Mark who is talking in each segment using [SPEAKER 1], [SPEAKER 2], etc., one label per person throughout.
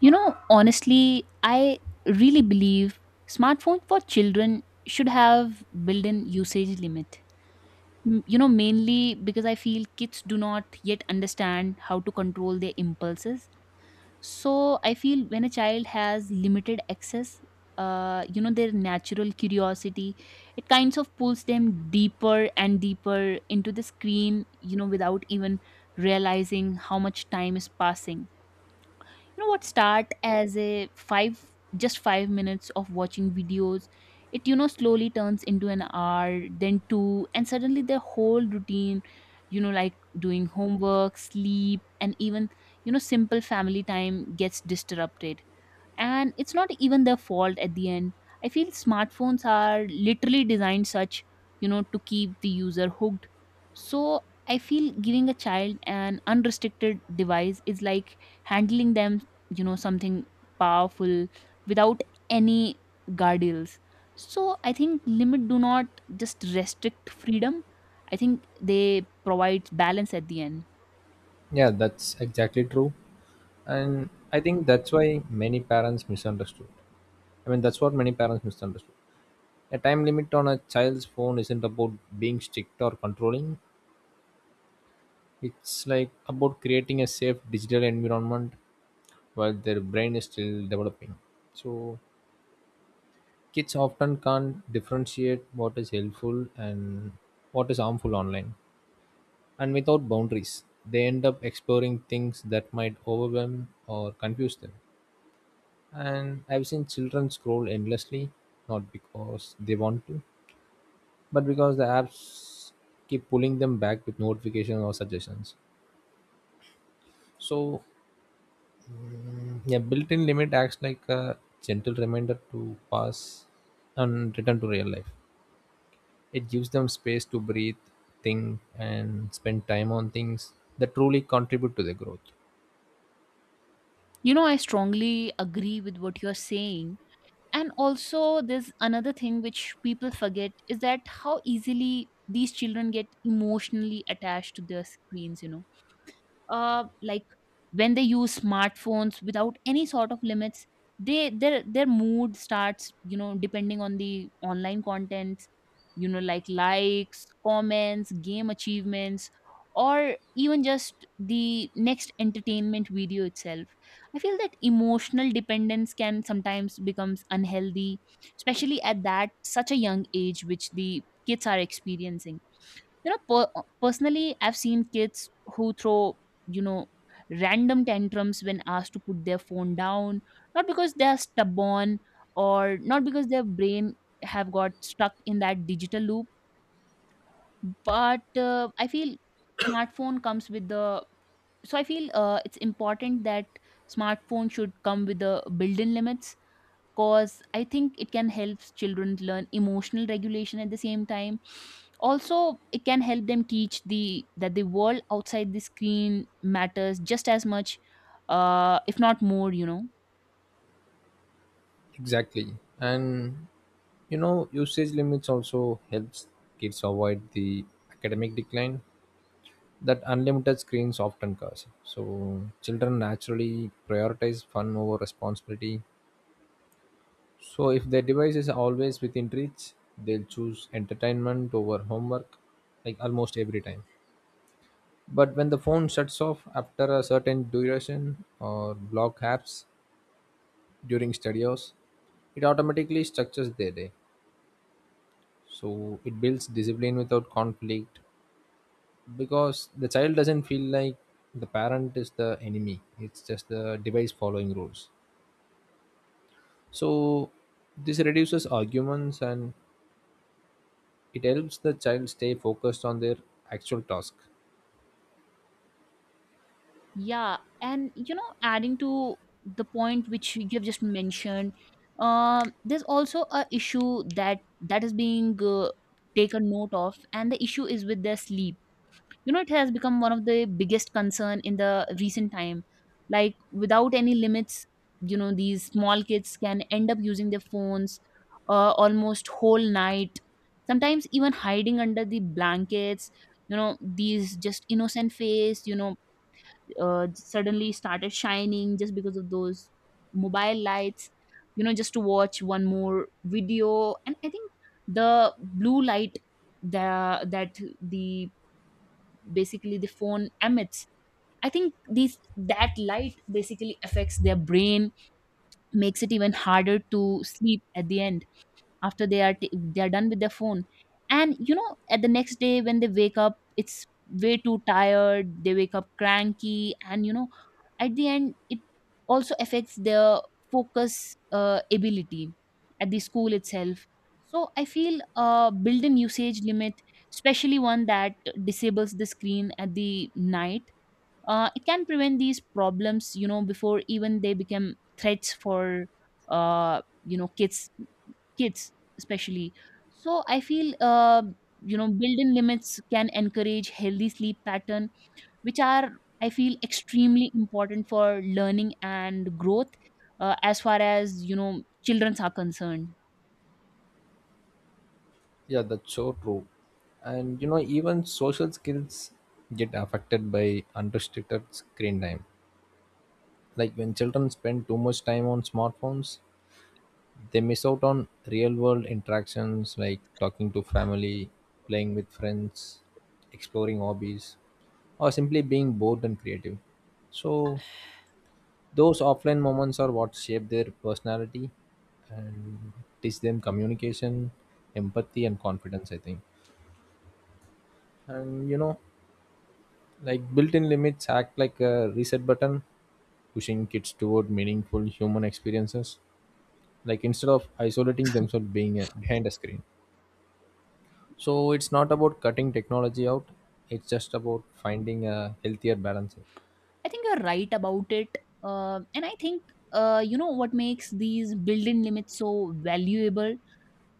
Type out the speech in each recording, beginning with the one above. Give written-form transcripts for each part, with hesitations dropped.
[SPEAKER 1] You know, honestly, I really believe smartphone for children should have built-in usage limit. Mainly because I feel kids do not yet understand how to control their impulses. So I feel when a child has limited access, their natural curiosity, it kinds of pulls them deeper and deeper into the screen, without even realizing how much time is passing. What start as a five just 5 minutes of watching videos, it you know slowly turns into an hour, then two, and suddenly their whole routine, like doing homework, sleep, and even simple family time gets disrupted. And it's not even their fault at the end. I feel smartphones are literally designed such, to keep the user hooked. So I feel giving a child an unrestricted device is like handling them, something powerful without any guardrails. So I think limit do not just restrict freedom. I think they provide balance at the end.
[SPEAKER 2] Yeah, that's exactly true. And I think that's why many parents misunderstood. That's what many parents misunderstood. A time limit on a child's phone isn't about being strict or controlling, it's like about creating a safe digital environment while their brain is still developing. So, kids often can't differentiate what is helpful and what is harmful online. And without boundaries, they end up exploring things that might overwhelm or confuse them. And I've seen children scroll endlessly, not because they want to, but because the apps keep pulling them back with notifications or suggestions. So, yeah, built in limit acts like a gentle reminder to pass and return to real life. It gives them space to breathe, think, and spend time on things that truly contribute to their growth.
[SPEAKER 1] You know, I strongly agree with what you're saying. And also, there's another thing which people forget is that how easily these children get emotionally attached to their screens. Like when they use smartphones without any sort of limits, they their mood starts, depending on the online contents, like likes, comments, game achievements, or even just the next entertainment video itself. I feel that emotional dependence can sometimes becomes unhealthy, especially at that such a young age which the kids are experiencing. Personally, I've seen kids who throw, you know random tantrums when asked to put their phone down, not because they are stubborn, or not because their brain have got stuck in that digital loop. But I feel smartphone comes with the so I feel, it's important that smartphone should come with the built-in limits. Cause I think it can help children learn emotional regulation. At the same time, also, it can help them teach the— that the world outside the screen matters just as much, if not more.
[SPEAKER 2] Exactly. And you know, usage limits also helps kids avoid the academic decline that unlimited screens often cause. So children naturally prioritize fun over responsibility. So if their device is always within reach, they'll choose entertainment over homework, like almost every time. But when the phone shuts off after a certain duration or block apps during study hours, it automatically structures their day. So it builds discipline without conflict because the child doesn't feel like the parent is the enemy, it's just the device following rules. So this reduces arguments and it helps the child stay focused on their actual task.
[SPEAKER 1] Yeah, and you know, adding to the point which you've just mentioned, there's also a issue that is being, taken note of, and the issue is with their sleep. You know, it has become one of the biggest concern in the recent time. Like without any limits, you know, these small kids can end up using their phones almost whole night, sometimes even hiding under the blankets. You know, these just innocent face, suddenly started shining just because of those mobile lights, you know, just to watch one more video. And I think the blue light, the, that the basically the phone emits, I think these that light basically affects their brain, makes it even harder to sleep at the end, after they are they are done with their phone. And you know, at the next day when they wake up, it's way too tired, they wake up cranky. And you know, at the end, it also affects their focus ability at the school itself. So I feel, build-in usage limit, especially one that disables the screen at the night, it can prevent these problems, you know, before even they become threats for, kids, kids especially. So I feel, built-in limits can encourage healthy sleep pattern, which are, I feel, extremely important for learning and growth, as far as, you know, childrens are concerned.
[SPEAKER 2] Yeah, that's so true. And you know, even social skills get affected by unrestricted screen time. Like when children spend too much time on smartphones, they miss out on real world interactions like talking to family, playing with friends, exploring hobbies, or simply being bored and creative. So, those offline moments are what shape their personality and teach them communication, empathy, and confidence, I think. And you know, like built in limits act like a reset button, pushing kids toward meaningful human experiences, like instead of isolating themselves being behind a screen. So it's not about cutting technology out, it's just about finding a healthier balance.
[SPEAKER 1] I think you're right about it. And I think, what makes these built-in limits so valuable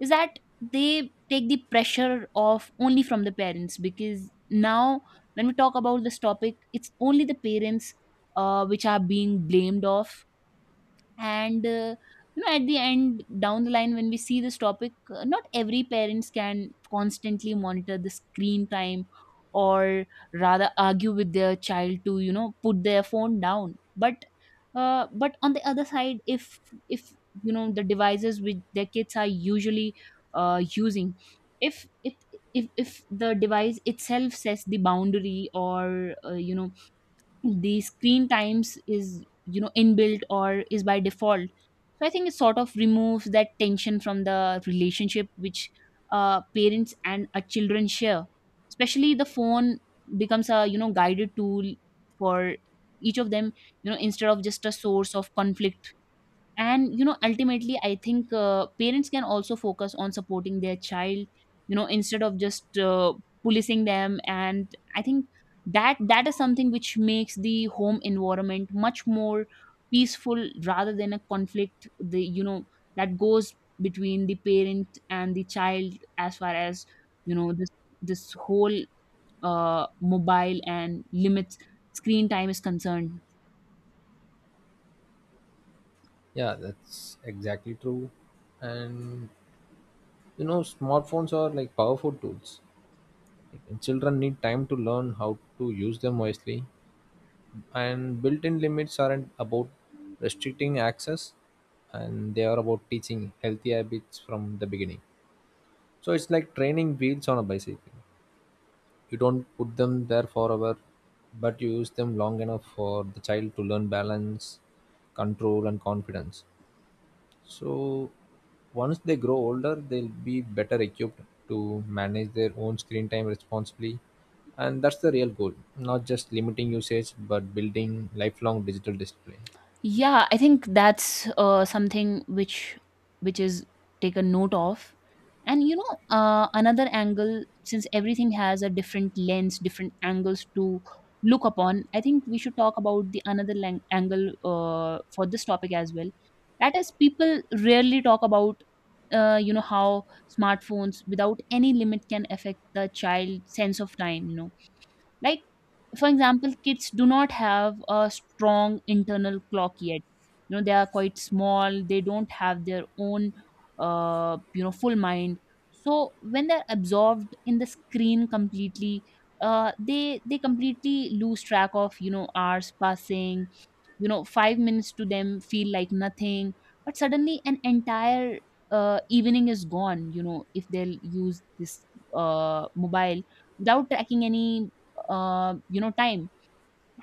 [SPEAKER 1] is that they take the pressure off only from the parents. Because now when we talk about this topic, it's only the parents, which are being blamed of. And you know, at the end down the line, when we see this topic, not every parents can constantly monitor the screen time, or rather argue with their child to, you know, put their phone down. But on the other side, if you know, the devices which their kids are usually, using, if it if the device itself sets the boundary, or, the screen times is, inbuilt, or is by default, so I think it sort of removes that tension from the relationship which, parents and, children share. Especially the phone becomes a, guided tool for each of them, you know, instead of just a source of conflict. And you know, ultimately I think, parents can also focus on supporting their child, you know, instead of just, policing them. And I think that is something which makes the home environment much more peaceful, rather than a conflict, the you know that goes between the parent and the child, as far as, you know, this whole, uh, mobile and limits, screen time is concerned.
[SPEAKER 2] Yeah, that's exactly true. And you know, smartphones are like powerful tools. Like, children need time to learn how to use them wisely. And built in limits aren't about restricting access, and they are about teaching healthy habits from the beginning. So it's like training wheels on a bicycle. You don't put them there forever, but you use them long enough for the child to learn balance, control, and confidence. So, once they grow older, they'll be better equipped to manage their own screen time responsibly. And that's the real goal, not just limiting usage, but building lifelong digital discipline.
[SPEAKER 1] Yeah, I think that's, something which is taken note of. And you know, another angle, since everything has a different lens, different angles to look upon, I think we should talk about the another angle, for this topic as well. That is, people rarely talk about, how smartphones without any limit can affect the child sense of time. You know, like for example, kids do not have a strong internal clock yet. You know, they are quite small, they don't have their own, full mind. So when they're absorbed in the screen completely, they completely lose track of, you know, hours passing. You know, 5 minutes to them feel like nothing, but suddenly an entire, evening is gone, you know, if they'll use this, mobile without tracking any, time.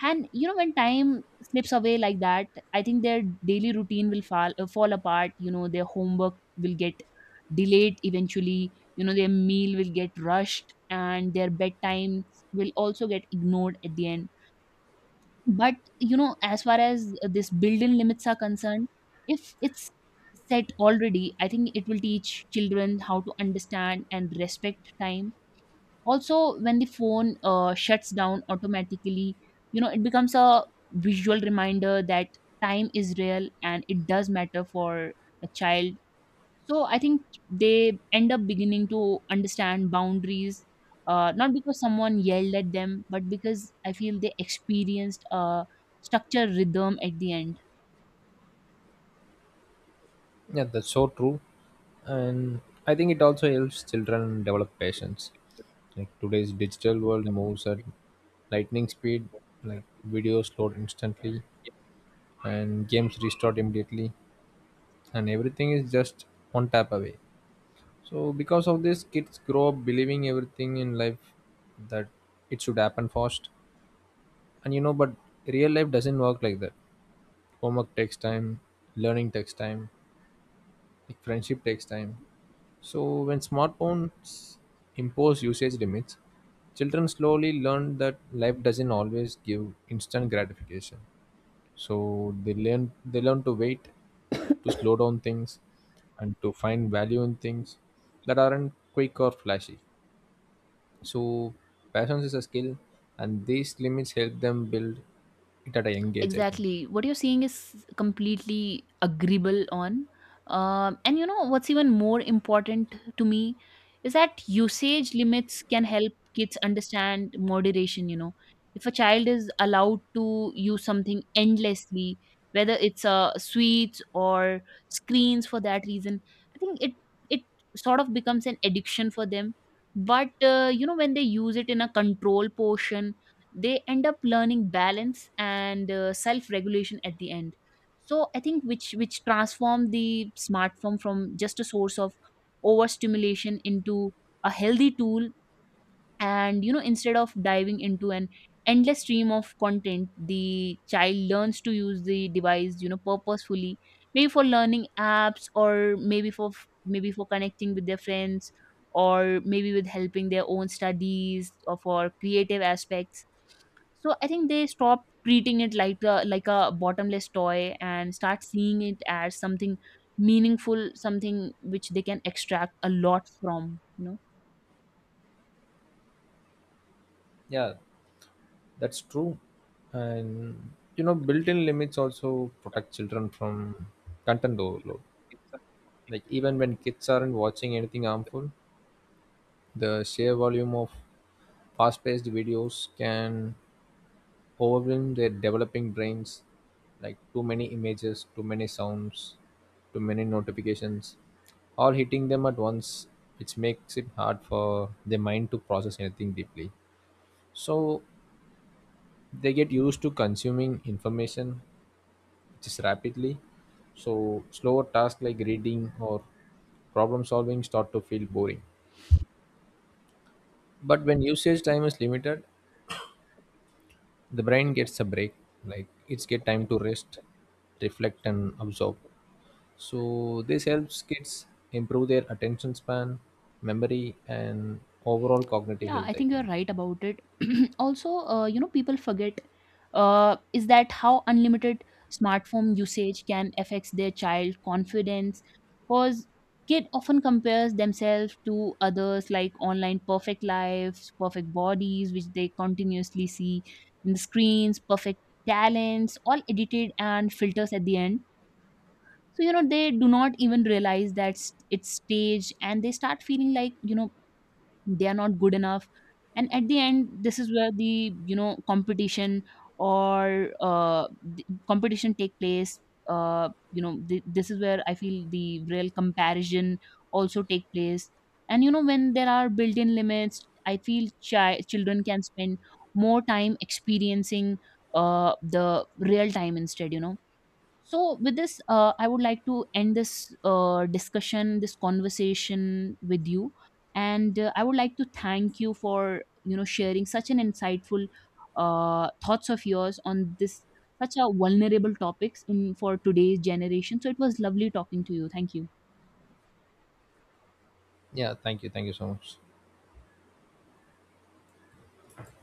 [SPEAKER 1] And you know, when time slips away like that, I think their daily routine will fall apart. You know, their homework will get delayed eventually, you know, their meal will get rushed, and their bedtime will also get ignored at the end. But you know, as far as, this built-in limits are concerned, if it's set already, I think it will teach children how to understand and respect time. Also, when the phone, shuts down automatically, you know, it becomes a visual reminder that time is real, and it does matter for a child. So I think they end up beginning to understand boundaries, not because someone yelled at them, but because I feel they experienced a structure rhythm at the end.
[SPEAKER 2] Yeah, that's so true. And I think it also helps children develop patience. Like today's digital world moves at lightning speed, like videos load instantly and games restart immediately and everything is just one tap away. So because of this kids grow up believing everything in life that it should happen fast. And you know, but real life doesn't work like that. Homework takes time, learning takes time, like friendship takes time. So, when smartphones impose usage limits, children slowly learn that life doesn't always give instant gratification. So, they learn to wait, to slow down things, and to find value in things that aren't quick or flashy. So, patience is a skill, and these limits help them build it at a young age, I think.
[SPEAKER 1] Exactly what you're seeing is completely agreeable on. And you know, what's even more important to me is that usage limits can help kids understand moderation. You know, if a child is allowed to use something endlessly, whether it's, sweets or screens for that reason, I think it sort of becomes an addiction for them. But you know, when they use it in a control portion, they end up learning balance and, self regulation at the end. So I think which transform the smartphone from just a source of overstimulation into a healthy tool. And you know, instead of diving into an endless stream of content, the child learns to use the device, you know, purposefully. Maybe for learning apps, or maybe for connecting with their friends, or maybe with helping their own studies, or for creative aspects. So I think they stop treating it like a bottomless toy, and start seeing it as something meaningful, something which they can extract a lot from, you know.
[SPEAKER 2] Yeah. That's true. And you know, built-in limits also protect children from content overload. Like even when kids aren't watching anything harmful, the sheer volume of fast-paced videos can overwhelm their developing brains. Like too many images, too many sounds, too many notifications, all hitting them at once, which makes it hard for their mind to process anything deeply. So they get used to consuming information just rapidly. So slower tasks like reading or problem solving start to feel boring. But when usage time is limited, the brain gets a break. Like it's get time to rest, reflect and absorb. So this helps kids improve their attention span, memory and overall cognitive
[SPEAKER 1] Yeah, I
[SPEAKER 2] health, I
[SPEAKER 1] think you're
[SPEAKER 2] think.
[SPEAKER 1] right about it. Also, you know, people forget, is that how unlimited smartphone usage can affect their child confidence. Because kid often compares themselves to others, like online perfect lives, perfect bodies which they continuously see in the screens, perfect talents, all edited and filters at the end. So you know, they do not even realize that it's staged, and they start feeling like, you know, they are not good enough. And at the end, this is where the, you know, competition, or the competition take place. This is where I feel the real comparison also take place. And you know, when there are built-in limits, I feel children can spend more time experiencing, the real time instead, you know. So, with this, I would like to end this, discussion, this conversation with you, and, I would like to thank you for, you know, sharing such an insightful, thoughts of yours on this such a vulnerable topics in for today's generation. So, it was lovely talking to you. Thank you.
[SPEAKER 2] Yeah, thank you. Thank you so much.